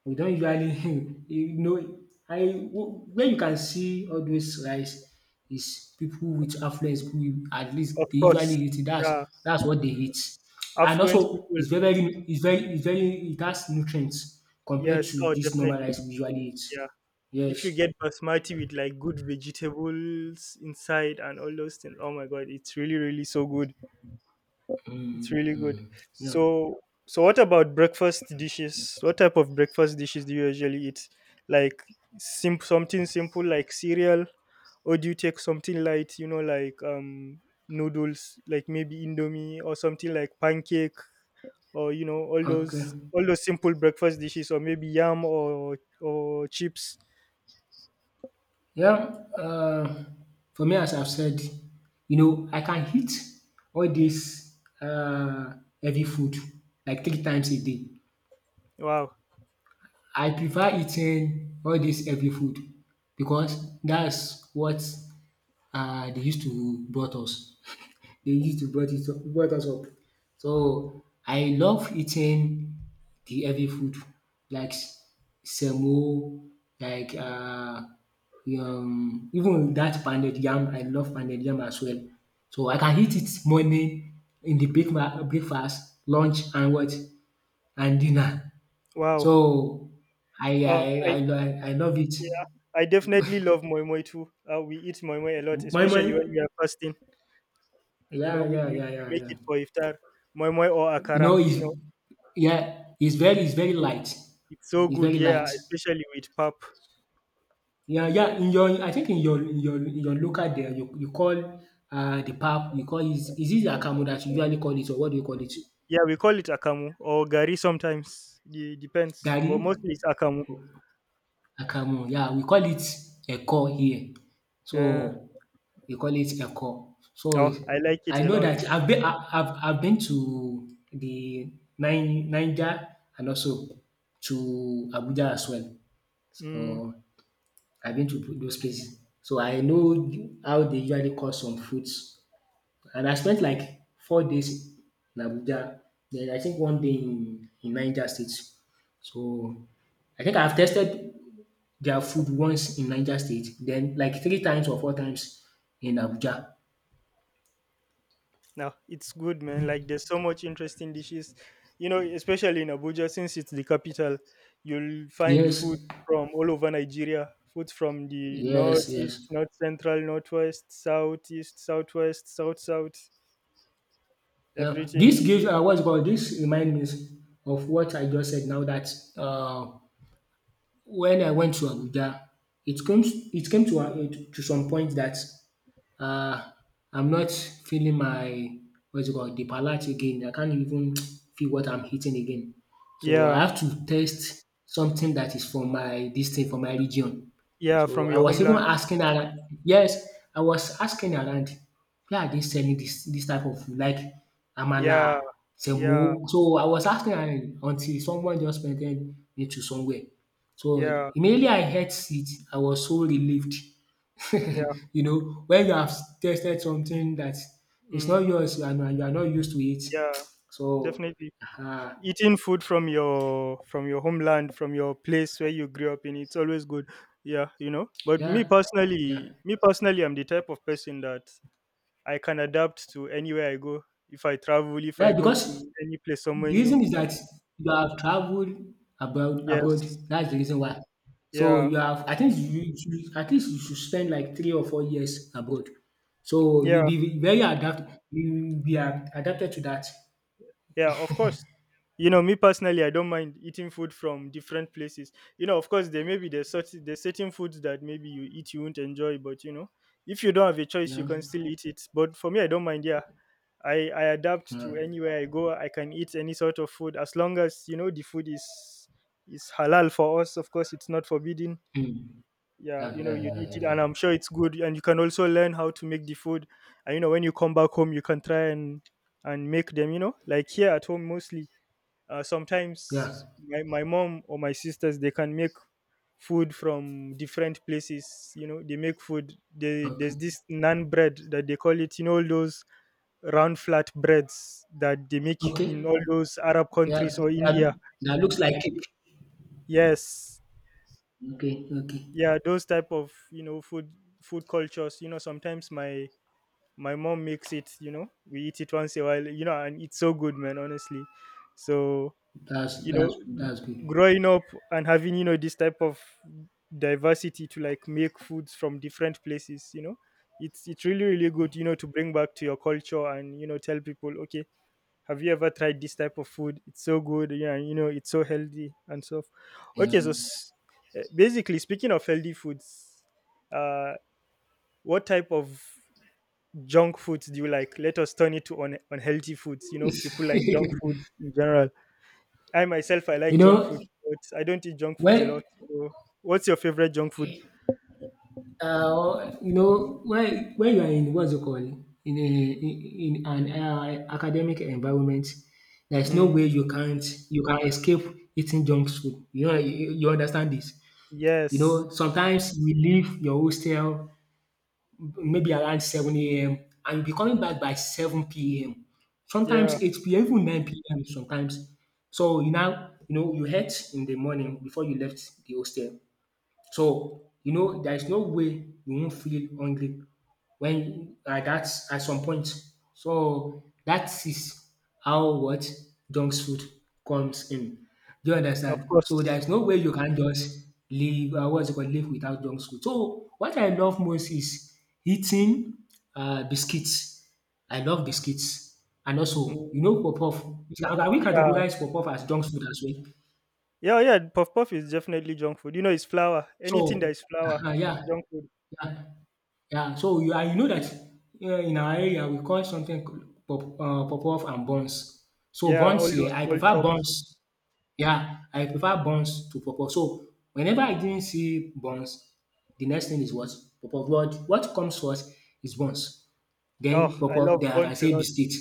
Speaker 2: we don't usually, *laughs* you know, I, where you can see all those rice is people with affluence who at
Speaker 1: Of
Speaker 2: least they usually
Speaker 1: course.
Speaker 2: eat it. That's
Speaker 1: Yeah.
Speaker 2: that's what they eat, and
Speaker 1: Affluent
Speaker 2: also
Speaker 1: people.
Speaker 2: it's very very it's very it's very it has nutrients compared
Speaker 1: Yes,
Speaker 2: to
Speaker 1: oh
Speaker 2: this normal
Speaker 1: definitely.
Speaker 2: rice we usually eat.
Speaker 1: Yeah. If you
Speaker 2: Yes.
Speaker 1: get basmati with like good vegetables inside and all those things, oh my god, it's really, really so good. It's
Speaker 2: Mm,
Speaker 1: really good.
Speaker 2: mm. Yeah.
Speaker 1: So, so what about breakfast dishes? What type of breakfast dishes do you usually eat? Like sim- something simple like cereal, or do you take something light? You know, like um noodles, like maybe indomie or something like pancake, or you know all
Speaker 2: Okay.
Speaker 1: those all those simple breakfast dishes, or maybe yam or or chips.
Speaker 2: Well, um for me, as I've said, you know, I can eat all dis um heavy food like three times a day.
Speaker 1: Wow,
Speaker 2: I prefer eating all dis heavy food because dat's what um dey use to brought us. They used to brought it up brought us up. So I love eating the heavy food like s- semo, like uh, um even that pounded yam, I love pounded yam as well. So I can eat it morning in the breakma breakfast, lunch and what? And dinner.
Speaker 1: wow.
Speaker 2: So I I
Speaker 1: Uh, I
Speaker 2: I lo I love it.
Speaker 1: yeah, I definitely love moi moi too. Uh, we eat moi moi a lot,
Speaker 2: My moi?
Speaker 1: especially when we are fasting. You know,
Speaker 2: Yeah,
Speaker 1: we,
Speaker 2: yeah,
Speaker 1: we
Speaker 2: yeah,
Speaker 1: we
Speaker 2: yeah,
Speaker 1: make
Speaker 2: yeah.
Speaker 1: it for iftar, moi moi or
Speaker 2: You
Speaker 1: akara.
Speaker 2: know,
Speaker 1: You
Speaker 2: it's
Speaker 1: know,
Speaker 2: yeah, it's very it's
Speaker 1: it's
Speaker 2: very
Speaker 1: so,
Speaker 2: light.
Speaker 1: it's so
Speaker 2: It's
Speaker 1: good.
Speaker 2: very
Speaker 1: Yeah,
Speaker 2: light.
Speaker 1: especially with pap.
Speaker 2: Yeah, yeah. In your, I think in your, in your in your local there you you call uh the pap, you call it, is it akamu that you usually call it, or what do you call it?
Speaker 1: Yeah, we call it akamu or gari sometimes. It depends,
Speaker 2: Garri?
Speaker 1: but mostly it's akamu.
Speaker 2: Akamu. Yeah, we call it eko here. So
Speaker 1: Uh,
Speaker 2: we call it eko. So
Speaker 1: oh, I like
Speaker 2: I
Speaker 1: it a
Speaker 2: know
Speaker 1: lot.
Speaker 2: that I've been I I've I've been to the Ni Niger, and also to Abuja as well. So
Speaker 1: Mm,
Speaker 2: I've been to those places. So I know how they usually cut some fruits. And I spent like four days in Abuja, then I think one day in in Niger State. So I think I've tested their food once in Niger State, then like three times or four times in Abuja.
Speaker 1: no, it's good, man. Like there's so much interesting dishes. You know, especially in Abuja, since it's the capital, you'll find
Speaker 2: Yes,
Speaker 1: food from all over Nigeria. Food from the
Speaker 2: yes,
Speaker 1: northeast,
Speaker 2: yes.
Speaker 1: north central, northwest, southeast, southwest, south south.
Speaker 2: Now,
Speaker 1: Everything.
Speaker 2: this gives uh, what's it called, this reminds me of what I just said now that uh, when I went to Abuja, it comes it came to a, to some point that um I'm not feeling my, what's it called, the palate again. I can't even *tsk* feel what I'm eating again. So
Speaker 1: Yeah,
Speaker 2: I have to taste something that is from my this thing, from my region.
Speaker 1: yeah, from
Speaker 2: So I
Speaker 1: your
Speaker 2: was even
Speaker 1: homeland.
Speaker 2: asking around, yes, I was asking around where are they selling this, this type of food like
Speaker 1: Yeah,
Speaker 2: amala,
Speaker 1: yeah,
Speaker 2: semo. So I was asking around until someone just pointed me to somewhere. So
Speaker 1: yeah,
Speaker 2: immediately I heard it, I was so relieved. *laughs*
Speaker 1: yeah,
Speaker 2: You know, when you have tasted something that is not
Speaker 1: mm,
Speaker 2: yours and you are not used to it. *tsk*
Speaker 1: yeah,
Speaker 2: So
Speaker 1: definitely.
Speaker 2: um
Speaker 1: Eating food from your from your homeland, from your place where you grew up in, it's always good. Yeah, you know. But me
Speaker 2: yeah, yeah.
Speaker 1: personally, me personally, I'm the type of person that I can adapt to anywhere I go. If I travel, if I
Speaker 2: Yeah,
Speaker 1: go to
Speaker 2: because
Speaker 1: any place somewhere
Speaker 2: the
Speaker 1: new,
Speaker 2: reason is that you have traveled abroad abroad.
Speaker 1: yes,
Speaker 2: That's the reason why. So
Speaker 1: yeah,
Speaker 2: you have, I think you, you at least you should spend like three or four years abroad. So you'll
Speaker 1: yeah.
Speaker 2: be very adapted, you'll be ad- adapted to that.
Speaker 1: Yeah, of course. You know, me personally, I don't mind eating food from different places. You know, of course, there may be there's such there's certain foods that maybe you eat you won't enjoy, but you know, if you don't have a choice, you
Speaker 2: Yeah.
Speaker 1: can still eat it. But for me, I don't mind. Yeah, I I adapt to
Speaker 2: Yeah.
Speaker 1: anywhere I go. I can eat any sort of food as long as you know the food is is halal for us. Of course, it's not forbidden.
Speaker 2: Mm.
Speaker 1: Yeah,
Speaker 2: Yeah,
Speaker 1: you know,
Speaker 2: yeah,
Speaker 1: you'd
Speaker 2: yeah,
Speaker 1: eat
Speaker 2: yeah,
Speaker 1: it
Speaker 2: yeah.
Speaker 1: and I'm sure it's good, and you can also learn how to make the food. And you know when you come back home you can try and and make them, you know. Like here at home mostly, uh, sometimes
Speaker 2: Yeah.
Speaker 1: my, my mom or my sisters they can make food from different places. You know they make food they,
Speaker 2: Yeah. Okay.
Speaker 1: there's this naan bread that they call it, you know, all those round flat breads that they make
Speaker 2: Okay.
Speaker 1: in all those arab
Speaker 2: Yeah.
Speaker 1: countries or
Speaker 2: That,
Speaker 1: india.
Speaker 2: that looks like it.
Speaker 1: Yes,
Speaker 2: Okay, okay.
Speaker 1: yeah, those type of, you know, food food cultures. You know sometimes my my mom makes it, you know, we eat it once in a while, you know, and it's so good, man, honestly. So,
Speaker 2: That's,
Speaker 1: you
Speaker 2: that's
Speaker 1: know,
Speaker 2: that's
Speaker 1: g-
Speaker 2: good.
Speaker 1: growing up and having, you know, this type of diversity to like make foods from different places, you know, it's it's really really good, you know, to bring back to your culture and you know tell people, okay, have you ever tried this type of food, it's so good. Yeah, and, you know, it's so healthy and so okay. So
Speaker 2: Yeah.
Speaker 1: s- eh, basically speaking of healthy foods, uh what type of junk foods do you like? Let us turn it to un- unhealthy foods. You know, people
Speaker 2: It's,
Speaker 1: like junk
Speaker 2: *laughs*
Speaker 1: food in general. I myself, I
Speaker 2: you
Speaker 1: like junk
Speaker 2: know,
Speaker 1: food, but I don't eat junk foods a lot.
Speaker 2: when
Speaker 1: So, what's your favorite junk food?
Speaker 2: Uh, or, you know, when when you are in, what's it called, in a in, in an uh, academic environment, there's no
Speaker 1: Mm,
Speaker 2: way you can't you can escape eating junk food. You know, you, you understand this. You
Speaker 1: yes,
Speaker 2: know, sometimes you leave your hostel maybe around seven a m and you'll be coming back by seven p m.
Speaker 1: yeah,
Speaker 2: Sometimes eight p m, even nine p m. Sometimes, so you now, you know, you ate in the morning before you left the hostel. So, you know, there is no way you won't feel hungry when, like, at that, at some point. So that is how what junk food comes in. Do you
Speaker 1: of
Speaker 2: understand? So there
Speaker 1: course.
Speaker 2: is no way you can just live uh, what's it called, live without junk food. So what I love most is eating uh, biscuits. I love biscuits. And also, you
Speaker 1: Mm,
Speaker 2: know, puff puff. We can we
Speaker 1: yeah,
Speaker 2: categorize puff puff as junk food as well.
Speaker 1: yeah, yeah. Puff puff is definitely junk food. You know, it's flour. Anything that
Speaker 2: So,
Speaker 1: is flour
Speaker 2: *laughs* yeah,
Speaker 1: is junk food.
Speaker 2: yeah. Yeah, so you, and you know that uh, in our area we call something pop, puff uh, puff-puff and buns. So
Speaker 1: Yeah, all
Speaker 2: buns
Speaker 1: those
Speaker 2: here, I
Speaker 1: small
Speaker 2: prefer
Speaker 1: chops.
Speaker 2: buns. Yeah, I prefer buns to puff-puff. So whenever I didn't see buns, the next thing is what? Puff-puff. What what comes first is buns.
Speaker 1: Oh,
Speaker 2: Then
Speaker 1: I
Speaker 2: puff-puff,
Speaker 1: love
Speaker 2: then I can
Speaker 1: buns a
Speaker 2: say
Speaker 1: lot.
Speaker 2: biscuit.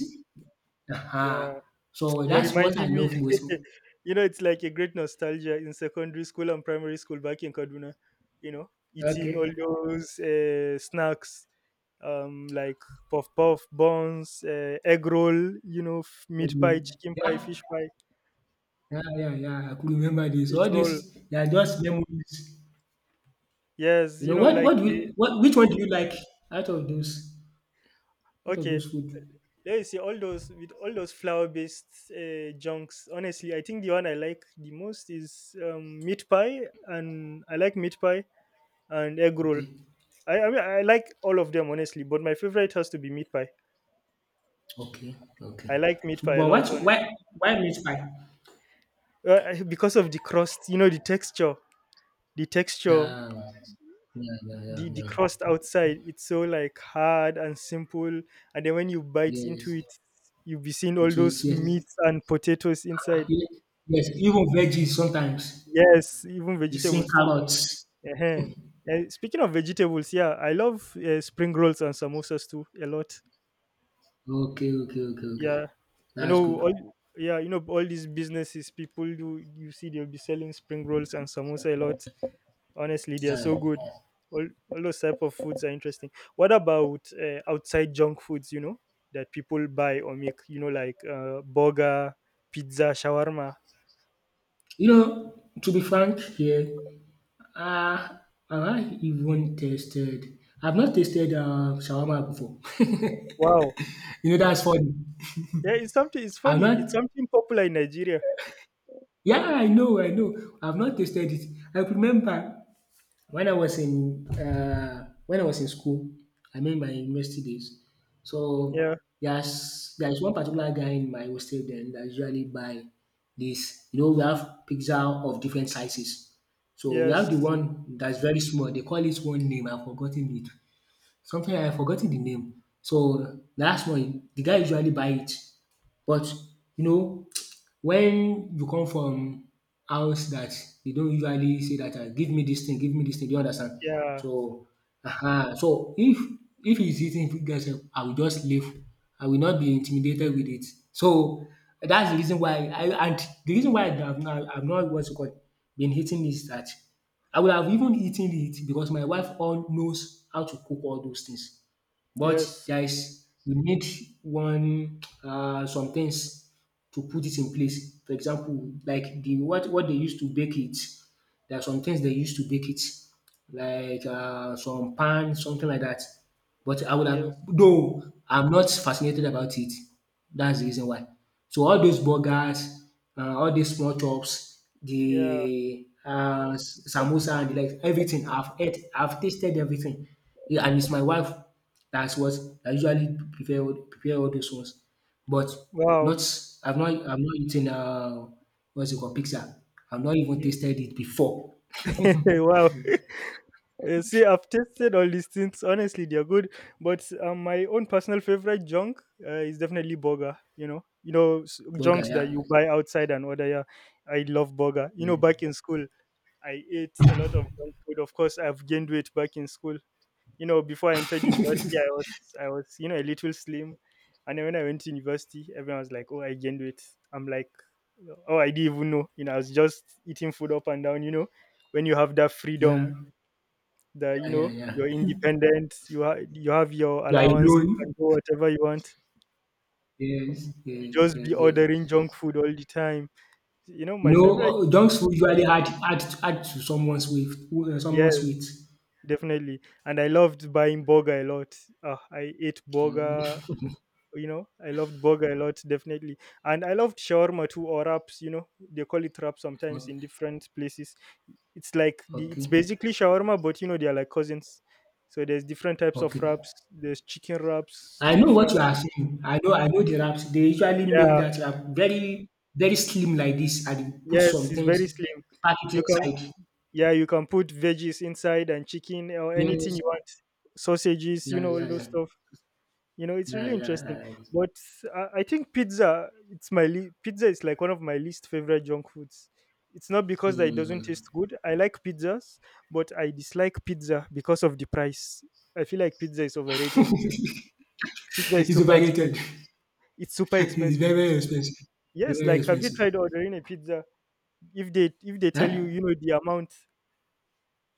Speaker 2: Uh-huh.
Speaker 1: Yeah.
Speaker 2: So
Speaker 1: You're
Speaker 2: that's what I
Speaker 1: reminding me.
Speaker 2: love most.
Speaker 1: *laughs* You know, it's like a great nostalgia in secondary school and primary school back in Kaduna. You know, eating
Speaker 2: Okay.
Speaker 1: all those uh, snacks, um, like puff puff, buns, uh, egg roll. You know, f- meat pie,
Speaker 2: Okay.
Speaker 1: chicken pie, fish
Speaker 2: Yeah,
Speaker 1: pie,
Speaker 2: yeah, yeah, yeah. I could remember this.
Speaker 1: fish
Speaker 2: All this,
Speaker 1: roll.
Speaker 2: they are just memories.
Speaker 1: Yes,
Speaker 2: You
Speaker 1: you
Speaker 2: know,
Speaker 1: know,
Speaker 2: what
Speaker 1: like
Speaker 2: what do
Speaker 1: the
Speaker 2: you, what which one do you like out of those, out of
Speaker 1: okay.
Speaker 2: those food?
Speaker 1: There you see all those with all those flour-based uh, junks. Honestly, I think the one I like the most is um, meat pie, and I like meat pie and egg roll.
Speaker 2: Okay.
Speaker 1: I, I mean, I like all of them honestly, but my favorite has to be meat pie.
Speaker 2: Okay. Okay.
Speaker 1: I like meat
Speaker 2: So,
Speaker 1: pie a
Speaker 2: but
Speaker 1: lot,
Speaker 2: what,
Speaker 1: honestly,
Speaker 2: why why meat pie?
Speaker 1: uh, *laughs* because of the crust. You know, the texture, the texture,
Speaker 2: Yeah. Yeah, yeah, yeah,
Speaker 1: the the
Speaker 2: yeah.
Speaker 1: crust outside. It's so like hard and simple, and then when you bite into
Speaker 2: Yes.
Speaker 1: it, you'll be seeing all
Speaker 2: So it's,
Speaker 1: those
Speaker 2: yes.
Speaker 1: meats and potatoes
Speaker 2: Ah,
Speaker 1: inside.
Speaker 2: ye- yes, even veggies sometimes.
Speaker 1: Yes, even
Speaker 2: You see
Speaker 1: vegetables too.
Speaker 2: carrots.
Speaker 1: uh Speaking of vegetables, yeah, I love uh, spring rolls and samosas too a lot.
Speaker 2: Okay, okay, okay, okay.
Speaker 1: yeah you
Speaker 2: That's
Speaker 1: know
Speaker 2: good.
Speaker 1: all yeah, you know all these businesses people do, you see they'll be selling spring rolls and samosa a lot, honestly they are
Speaker 2: Yeah.
Speaker 1: so good. All, all those type of foods are interesting. What about uh, outside junk foods, you know, that people buy or make, you know, like uh, burger, pizza, shawarma?
Speaker 2: You know, to be frank here, uh, I even tasted? I've not tasted uh, shawarma before.
Speaker 1: Wow,
Speaker 2: *laughs* You know, that's funny.
Speaker 1: yeah, it's something, it's
Speaker 2: I've
Speaker 1: funny,
Speaker 2: not
Speaker 1: it's something popular in Nigeria.
Speaker 2: yeah, I know, I know. I've not tasted it. I remember when I was in uh, when I was in school, I mean my university days. So
Speaker 1: Yeah,
Speaker 2: there's there's one particular guy in my hostel then that usually buy this. You know, we have pizza of different sizes. So we have the
Speaker 1: yes,
Speaker 2: one that's very small. They call it one name. I've forgotten it. Something, I've forgotten the name. So that's one. The guy usually buy it. But you know *tsk* when you come from house that they don't usually say that, um “give me this thing, give me this thing,” do you understand.
Speaker 1: yeah,
Speaker 2: So um so if if it's easy to get sef I will just leave. I will not be intimidated with it. So that's the reason why I and the reason why I have not I have not, what's it called, been eating is that I would have even eaten it because my wife all knows how to cook all those things. But
Speaker 1: yes,
Speaker 2: there is, you need one uh some things to put it in place. For example, like the what what they used to bake it. There are some things they used to bake it like uh some pan, something like that. But I would have
Speaker 1: yes,
Speaker 2: though I'm not fascinated about it. That's the reason why. So all those burgers, um all these small chops,
Speaker 1: yeah,
Speaker 2: the um samosa and the likes, everything I've ate, I've tasted everything. Yeah, and it's my wife that's what I usually prepare all prepare all those ones. But
Speaker 1: wow.
Speaker 2: not I've not I've not eaten uh what's it called, pizza. I've not even
Speaker 1: Mm.
Speaker 2: tasted it before.
Speaker 1: *laughs* Wow. Uh, see, I've tested all these things. Honestly, they're good. But um, my own personal favorite junk uh, is definitely burger. You know, you know, s-
Speaker 2: Burger,
Speaker 1: junks that
Speaker 2: yeah.
Speaker 1: you buy outside and order. Yeah, I love burger. You
Speaker 2: Yeah.
Speaker 1: know, back in school, I ate a lot of junk food. Of course, I've gained weight back in school. You know, before I entered university, I was, I was, you know, a little slim. And then when I went to university, everyone was like, "Oh, I gained weight." I'm like, "Oh, I didn't even know." You know, I was just eating food up and down. You know, when you have that freedom
Speaker 2: Yeah,
Speaker 1: that you
Speaker 2: yeah,
Speaker 1: know
Speaker 2: yeah,
Speaker 1: you're
Speaker 2: yeah.
Speaker 1: independent, you have you have your
Speaker 2: You are
Speaker 1: allowance, you can
Speaker 2: alone.
Speaker 1: do whatever you want.
Speaker 2: Yes,
Speaker 1: You
Speaker 2: yes,
Speaker 1: just be
Speaker 2: yes, yes.
Speaker 1: ordering junk food all the time. You know my favorite —
Speaker 2: No, dunks usually add add add to someone's weight, uh, someone's
Speaker 1: yes,
Speaker 2: weight.
Speaker 1: definitely. And I loved buying burger a lot, uh, I ate
Speaker 2: Mm,
Speaker 1: burger, you know, I loved burger a lot, definitely. And I loved shawarma too or wraps, you know. They call it wrap sometimes in different places. It's like the, it's
Speaker 2: okay,
Speaker 1: basically shawarma, but you know, they are like cousins. So there's different types of
Speaker 2: okay.
Speaker 1: wraps. There's chicken wraps,
Speaker 2: I know
Speaker 1: beef
Speaker 2: what
Speaker 1: wraps.
Speaker 2: you are saying. I know I know the wraps. They usually make
Speaker 1: Yeah,
Speaker 2: that wrap very, very slim like this and you put
Speaker 1: yes,
Speaker 2: some
Speaker 1: it's very
Speaker 2: things,
Speaker 1: slim.
Speaker 2: pack it
Speaker 1: You can
Speaker 2: inside.
Speaker 1: yeah, you can put veggies inside and chicken or anything you
Speaker 2: Yes.
Speaker 1: want, sausages, you
Speaker 2: Yeah,
Speaker 1: know, all
Speaker 2: yeah,
Speaker 1: those
Speaker 2: yeah.
Speaker 1: stuff. You know, it's really
Speaker 2: Yeah, yeah.
Speaker 1: interesting.
Speaker 2: I,
Speaker 1: But I, I think pizza, it's my le- pizza is like one of my least favorite junk foods. It's not because that it doesn't taste
Speaker 2: mm.
Speaker 1: good. I like pizzas, but I dislike pizza because of the price. I feel like pizza is overrated. Pizza
Speaker 2: *laughs*
Speaker 1: is
Speaker 2: It's
Speaker 1: super expensive.
Speaker 2: overrated.
Speaker 1: It's super
Speaker 2: *laughs* It's
Speaker 1: expensive.
Speaker 2: very, very expensive. Very,
Speaker 1: Yes,
Speaker 2: very
Speaker 1: like have you
Speaker 2: expensive.
Speaker 1: tried ordering a pizza? If they if they tell you, you
Speaker 2: Eh?
Speaker 1: know, the amount.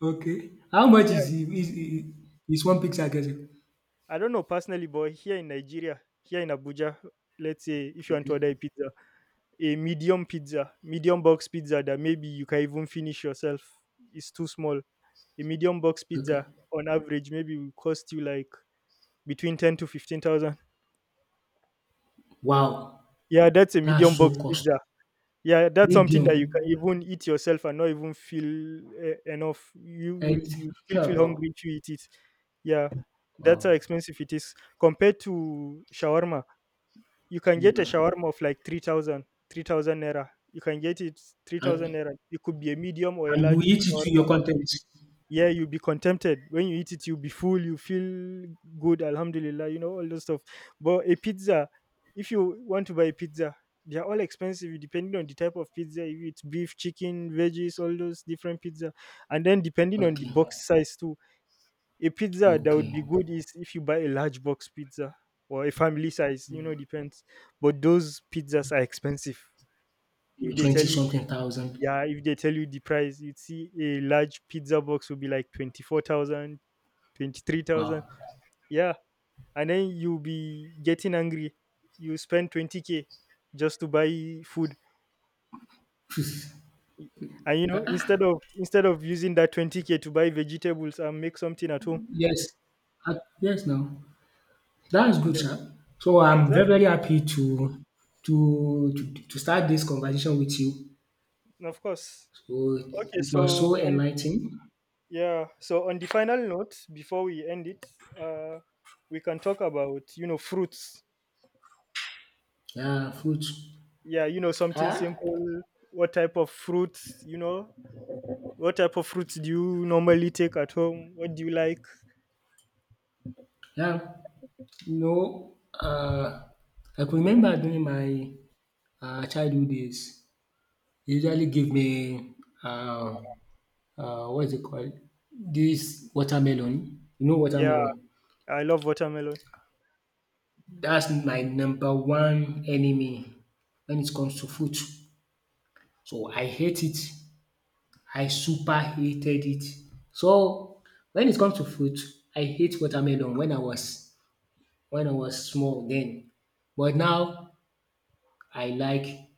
Speaker 2: Okay. How much
Speaker 1: Yeah,
Speaker 2: is is is is one pizza getting?
Speaker 1: I don't know personally, but here in Nigeria, here in Abuja, let's say if you want to order
Speaker 2: Okay.
Speaker 1: a pizza, a medium pizza, medium box pizza that maybe you can even finish yourself is too small. A medium box
Speaker 2: Okay.
Speaker 1: pizza on average maybe will cost you like between ten to fifteen thousand.
Speaker 2: Wow!
Speaker 1: Yeah, that's a
Speaker 2: That's
Speaker 1: medium box
Speaker 2: so cost
Speaker 1: pizza. Yeah, that's something
Speaker 2: medium,
Speaker 1: that you can even eat yourself and not even feel uh, enough. You you
Speaker 2: right?
Speaker 1: you
Speaker 2: *laughs*
Speaker 1: still feel
Speaker 2: Wow,
Speaker 1: hungry if you eat it. Yeah, that's how
Speaker 2: wow.
Speaker 1: expensive it is compared to shawarma. You can
Speaker 2: Small.
Speaker 1: get a shawarma of like three thousand, three thousand three thousand naira. You can get it three thousand
Speaker 2: and
Speaker 1: naira. It could be a medium or a
Speaker 2: and you
Speaker 1: large
Speaker 2: eat it to
Speaker 1: shawarma.
Speaker 2: your content?
Speaker 1: Yeah, you'll be contented. When you eat it, you'll be full, you feel good, alhamdulillah, you know, all those stuff. But a pizza, if you want to buy a pizza, they are all expensive depending on the type of pizza. If it's beef, chicken, veggies, all those different pizza. And then depending on the
Speaker 2: Okay,
Speaker 1: box size too, a pizza that
Speaker 2: okay.
Speaker 1: would be good is if you buy a large box pizza or a family size, you know, depends. But those pizzas are expensive. If
Speaker 2: Maybe
Speaker 1: they tell
Speaker 2: twenty
Speaker 1: you, the,
Speaker 2: something thousand.
Speaker 1: Yeah, if they tell you the price, you'd see a large pizza box will be like twenty four thousand, twenty three thousand.
Speaker 2: Wow! *laughs*
Speaker 1: Yeah. And then you'll be getting angry. You spend twenty k just to buy food. And you know, instead of instead of using that twenty k to buy vegetables and make something at home.
Speaker 2: Yes. Ah, yes now. That's good sha. So I'm very,
Speaker 1: Exactly.
Speaker 2: very happy to to to to start this conversation with you.
Speaker 1: Of course.
Speaker 2: So
Speaker 1: Okay,
Speaker 2: it
Speaker 1: so
Speaker 2: was so
Speaker 1: on
Speaker 2: enlightening.
Speaker 1: Yeah. So on the final note, before we end it, uh, we can talk about you know fruits.
Speaker 2: Yeah, fruit.
Speaker 1: Yeah, you know something
Speaker 2: Ah,
Speaker 1: simple. What type of fruits? You know, what type of fruits do you normally take at home? What do you like?
Speaker 2: yeah. No, uh, I could remember during my uh, childhood days, they usually give me uh, uh, what is it called? This watermelon. You know
Speaker 1: Yeah,
Speaker 2: watermelon.
Speaker 1: I love watermelon.
Speaker 2: That's my number one enemy when it comes to food. So I hate it. I super hated it. So when it comes to food, I hate watermelon when I was, when I was small then. But now I like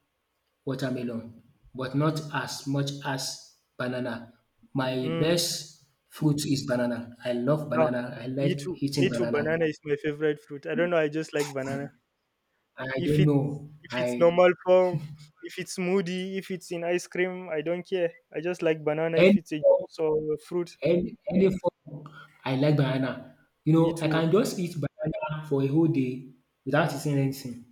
Speaker 2: watermelon, but not as much as banana. My
Speaker 1: Mm,
Speaker 2: best fruit is banana. I love
Speaker 1: yeah,
Speaker 2: banana. I
Speaker 1: me
Speaker 2: like
Speaker 1: too.
Speaker 2: eating
Speaker 1: Me too.
Speaker 2: banana.
Speaker 1: Banana is my favorite fruit. I don't know. I just like banana.
Speaker 2: I
Speaker 1: If
Speaker 2: don't
Speaker 1: it's
Speaker 2: know.
Speaker 1: if it's
Speaker 2: I
Speaker 1: normal form, if it's smoothie, if it's in ice cream, I don't care. I just like banana. If
Speaker 2: any
Speaker 1: it's a
Speaker 2: form,
Speaker 1: juice or a fruit,
Speaker 2: any, any form. I like banana. You
Speaker 1: me
Speaker 2: know, I
Speaker 1: too.
Speaker 2: can just eat banana for a whole day without eating anything.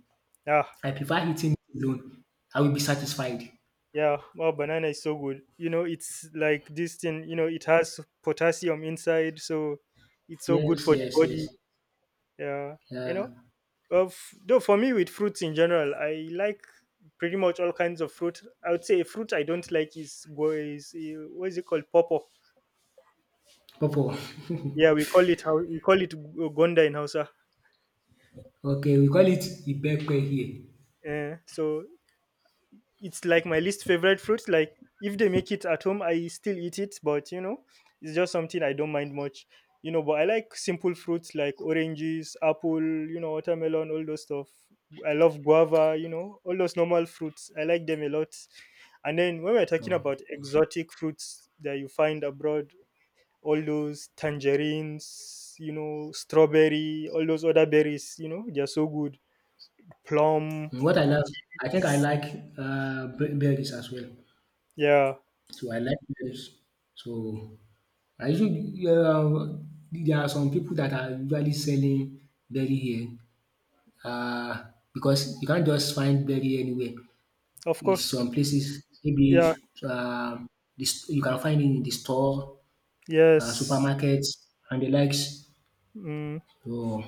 Speaker 1: Yeah.
Speaker 2: I prefer eating it alone. I will be satisfied.
Speaker 1: Yeah, wow, banana is so good. You know, it's like this thing, you know, it has potassium inside, so it's so good
Speaker 2: Yes,
Speaker 1: for the
Speaker 2: yes, yes.
Speaker 1: body. Yeah, you
Speaker 2: Yeah.
Speaker 1: know, of though for me with fruits in general, I like pretty much all kinds of fruit. I would say a fruit I don't like is go is uh, what is it called? Popo.
Speaker 2: Pawpaw. *laughs*
Speaker 1: Yeah, we call it how we call it g- uh, gonda in Hausa.
Speaker 2: Okay, we call it Ibepe here.
Speaker 1: Uh, so it's like my least favorite fruit. Like if they make it at home, I still eat it, but you know, it's just something I don't mind much. You know, but I like simple fruits like oranges, apple, you know, watermelon, all those stuff. I love guava, you know, all those normal fruits. I like them a lot. And then when we're talking about
Speaker 2: Okay.
Speaker 1: exotic fruits that you find abroad, all those tangerines, you know, strawberry, all those other berries, you know, they're so good. Plum,
Speaker 2: What I love, I think I like uh, be- berries as well.
Speaker 1: yeah,
Speaker 2: So I like berries. So I usually, uh, there are some people that are usually selling berry here, uh, because you can't just find berry anywhere.
Speaker 1: of
Speaker 2: In
Speaker 1: course,
Speaker 2: some places, maybe
Speaker 1: yeah.
Speaker 2: um, this, you can find it in the store, uh,
Speaker 1: Yes.
Speaker 2: supermarkets, and the likes.
Speaker 1: Mm.
Speaker 2: So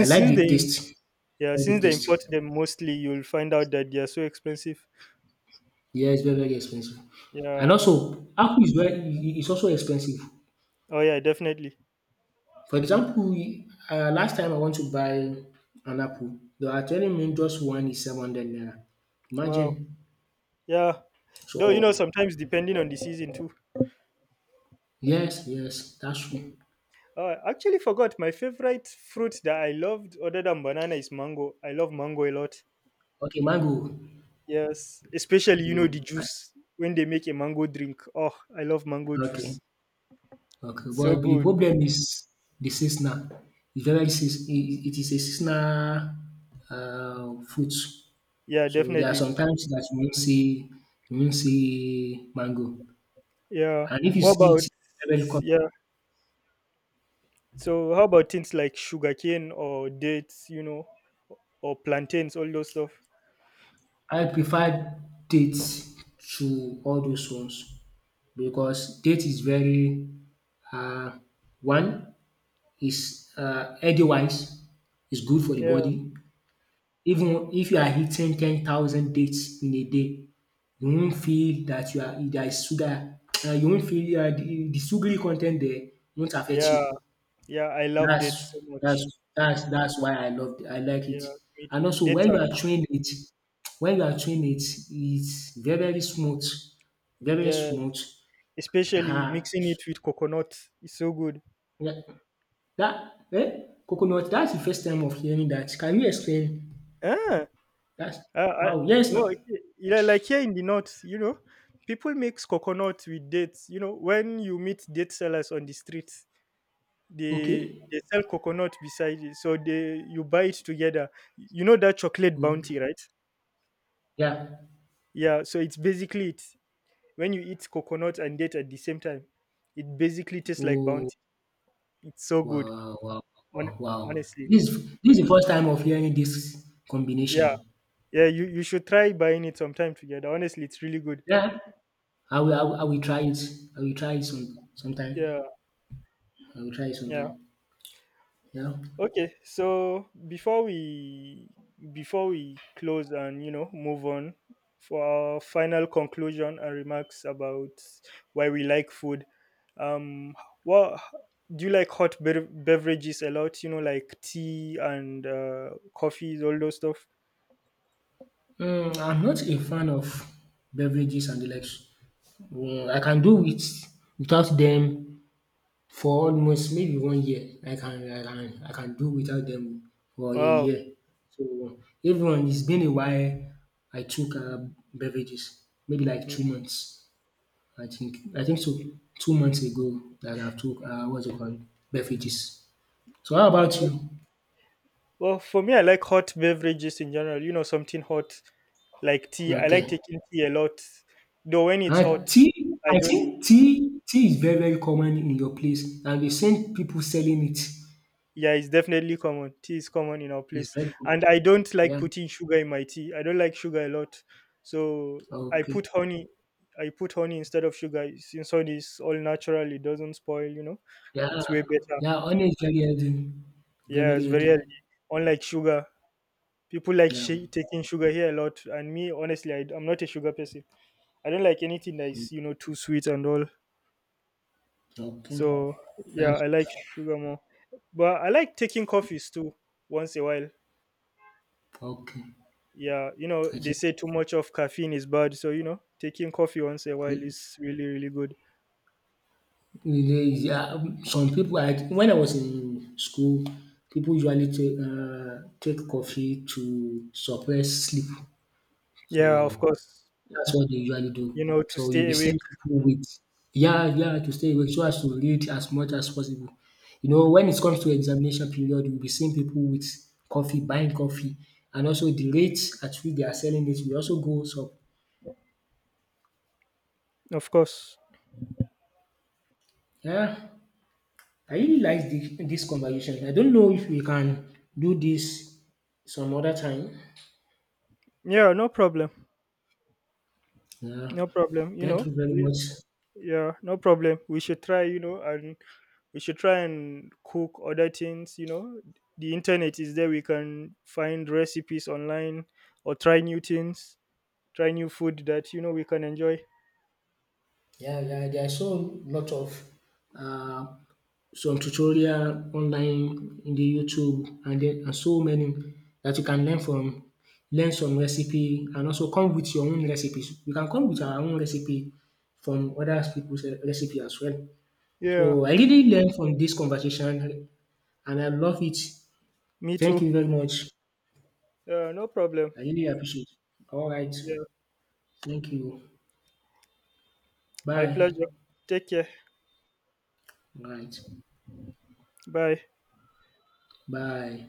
Speaker 2: I like
Speaker 1: since
Speaker 2: the
Speaker 1: they
Speaker 2: taste.
Speaker 1: yeah
Speaker 2: I like the
Speaker 1: since they
Speaker 2: taste.
Speaker 1: import them mostly, you'll find out that they are so expensive.
Speaker 2: Yeah, it's very, very expensive. And
Speaker 1: Yeah.
Speaker 2: also, Apple is very i- is also expensive.
Speaker 1: Oh yeah, definitely.
Speaker 2: For example, uh, last time I want to buy an Apple, they are telling me just one is seven hundred naira. Imagine.
Speaker 1: Wow. Yeah. Though you know
Speaker 2: So
Speaker 1: sometimes depending on the season too.
Speaker 2: yes, yes, that's true.
Speaker 1: Mm. Oh, I actually forgot my favorite fruit that I loved other than banana is mango. I love mango a lot.
Speaker 2: Okay, mango.
Speaker 1: Yes, especially you know the
Speaker 2: Mango. Uh,
Speaker 1: juice when they make a mango drink. Oh, I love mango juice.
Speaker 2: Okay, okay.
Speaker 1: It's so
Speaker 2: But the
Speaker 1: good.
Speaker 2: problem is the seasonal. It's very seas- i- it is a seasonal uh, fruit.
Speaker 1: Yeah,
Speaker 2: So there are
Speaker 1: definitely.
Speaker 2: sometimes that you won't see, you won't see mango.
Speaker 1: Yeah.
Speaker 2: And if you
Speaker 1: What
Speaker 2: see
Speaker 1: about
Speaker 2: it level cut,
Speaker 1: yeah? So how about things like sugarcane or dates, you know, or plantains, all those stuff?
Speaker 2: I prefer date to all those ones because date is very, uh, one is, uh, healthy wise, is good for the
Speaker 1: Yeah,
Speaker 2: body. Even if you are eating ten thousand dates in a day, you won't feel that you are there is sugar. Uh, you won't feel, uh, the, the sugary content there won't affect you.
Speaker 1: yeah, yeah. I love
Speaker 2: That's
Speaker 1: dates so
Speaker 2: that's
Speaker 1: much.
Speaker 2: that's that's why I love it. I like it.
Speaker 1: Yeah, me
Speaker 2: And
Speaker 1: too.
Speaker 2: also
Speaker 1: Dates
Speaker 2: when you
Speaker 1: and
Speaker 2: are chewing it, when you are chewing it, it's very, very smooth, very
Speaker 1: Yes,
Speaker 2: smooth.
Speaker 1: especially
Speaker 2: Ah,
Speaker 1: mixing it with coconut is so good.
Speaker 2: yeah, that eh? Coconut, that's the first time of hearing that. Can you explain
Speaker 1: Ah,
Speaker 2: that?
Speaker 1: I, I,
Speaker 2: Wow, yes,
Speaker 1: well,
Speaker 2: ma'am.
Speaker 1: he- yeah, like here in the north, you know, people mix coconut with dates. You know, when you meet date sellers on the streets, they
Speaker 2: Okay.
Speaker 1: they sell coconut beside it, so they you buy it together. You know that chocolate bounty,
Speaker 2: Okay.
Speaker 1: right?
Speaker 2: Yeah.
Speaker 1: Yeah, so it's basically it. When you eat coconut and date at the same time, it basically tastes like
Speaker 2: Oh,
Speaker 1: bounty. It's so good.
Speaker 2: wow, wow, wow,
Speaker 1: Hon-
Speaker 2: wow, wow.
Speaker 1: Honestly,
Speaker 2: This this is the first time of hearing this
Speaker 1: yeah,
Speaker 2: combination.
Speaker 1: yeah. You you should try buying it sometime together. Honestly, it's really good.
Speaker 2: Yeah. I will, I will, I will try it. I will try it some sometime.
Speaker 1: Yeah,
Speaker 2: I will try it
Speaker 1: yeah.
Speaker 2: sometime. Yeah.
Speaker 1: Okay, so before we before we close and you know move on for our final conclusion and remarks about why we like food, um, what do you like hot bev- beverages a lot? You know, like tea and uh, coffees, all those stuff.
Speaker 2: Mm, I'm not a fan of beverages and the likes. Mm, I can do it without them for almost maybe one year. I can I can I can do without them for a
Speaker 1: Wow.
Speaker 2: year. So everyone, it's been a while I took uh, beverages, maybe like two
Speaker 1: mm
Speaker 2: months. I think I think so. Two months ago that I took uh, what's it called, beverages. So how
Speaker 1: mm.
Speaker 2: about
Speaker 1: Well,
Speaker 2: you?
Speaker 1: well, for me, I like hot beverages in general. You know, something hot like tea. I like
Speaker 2: Okay.
Speaker 1: taking tea a lot, though when it's
Speaker 2: And
Speaker 1: hot,
Speaker 2: tea,
Speaker 1: I
Speaker 2: I
Speaker 1: don't.
Speaker 2: think tea tea is very, very common in your place, and you've seen people selling it.
Speaker 1: Yeah, it's definitely common. Tea is common in our
Speaker 2: It's
Speaker 1: place.
Speaker 2: very good.
Speaker 1: And I don't like
Speaker 2: Yeah.
Speaker 1: putting sugar in my tea. I don't like sugar a lot. So I
Speaker 2: Okay.
Speaker 1: put honey. I put honey instead of sugar. Since honey is all natural, it doesn't spoil, you know.
Speaker 2: Yeah.
Speaker 1: It's way better.
Speaker 2: Yeah, honey is very healthy. Very,
Speaker 1: Yeah, it's
Speaker 2: very
Speaker 1: very
Speaker 2: healthy.
Speaker 1: healthy. Unlike sugar. People like
Speaker 2: Yeah.
Speaker 1: shi taking sugar here a lot. And me, honestly, I, I'm not a sugar person. I don't like anything that is, you know, too sweet and all.
Speaker 2: Okay.
Speaker 1: So yeah,
Speaker 2: That's
Speaker 1: I like sugar more. But I like taking coffees too once a while.
Speaker 2: okay.
Speaker 1: Yeah, you know,
Speaker 2: I
Speaker 1: they
Speaker 2: think
Speaker 1: say too much of caffeine is bad, so you know, taking coffee once a while
Speaker 2: it-
Speaker 1: is really, really good.
Speaker 2: it is- yeah, um, some people I when I was in school, people usually take uh, take coffee to suppress sleep. So
Speaker 1: Yeah, of course.
Speaker 2: that's what they usually do.
Speaker 1: You know, to
Speaker 2: So you'll
Speaker 1: stay
Speaker 2: be
Speaker 1: awake,
Speaker 2: sent people with, yeah, yeah, to stay awake so as to read as much as possible. You know, when it comes to examination period, you'll be seeing people with coffee, buying coffee, and also the rates at which they are selling it will also go up.
Speaker 1: of course.
Speaker 2: Yeah, I really like this, this conversation. I don't know if we can do this some other time.
Speaker 1: Yeah, no problem.
Speaker 2: Yeah,
Speaker 1: No problem. You
Speaker 2: thank
Speaker 1: know,
Speaker 2: you very
Speaker 1: we,
Speaker 2: much.
Speaker 1: yeah, no problem. We should try, you know, and we should try and cook other things, you know. The internet is there, we can find recipes online or try new things, try new food that, you know, we can enjoy.
Speaker 2: Yeah, yeah, there are so lot of uh, some tutorial online in the YouTube and then and so many that you can learn from, learn some recipe and also come with your own recipes. We can come with our own recipe from other people's re- recipe as well. So
Speaker 1: Yeah,
Speaker 2: I really learn from this conversation and I love it.
Speaker 1: me
Speaker 2: Thank
Speaker 1: too.
Speaker 2: you very much.
Speaker 1: Yeah, no problem.
Speaker 2: I really appreciate it. All right.
Speaker 1: Yeah,
Speaker 2: Thank you.
Speaker 1: my
Speaker 2: Bye.
Speaker 1: pleasure. Take care.
Speaker 2: All right.
Speaker 1: Bye.
Speaker 2: Bye.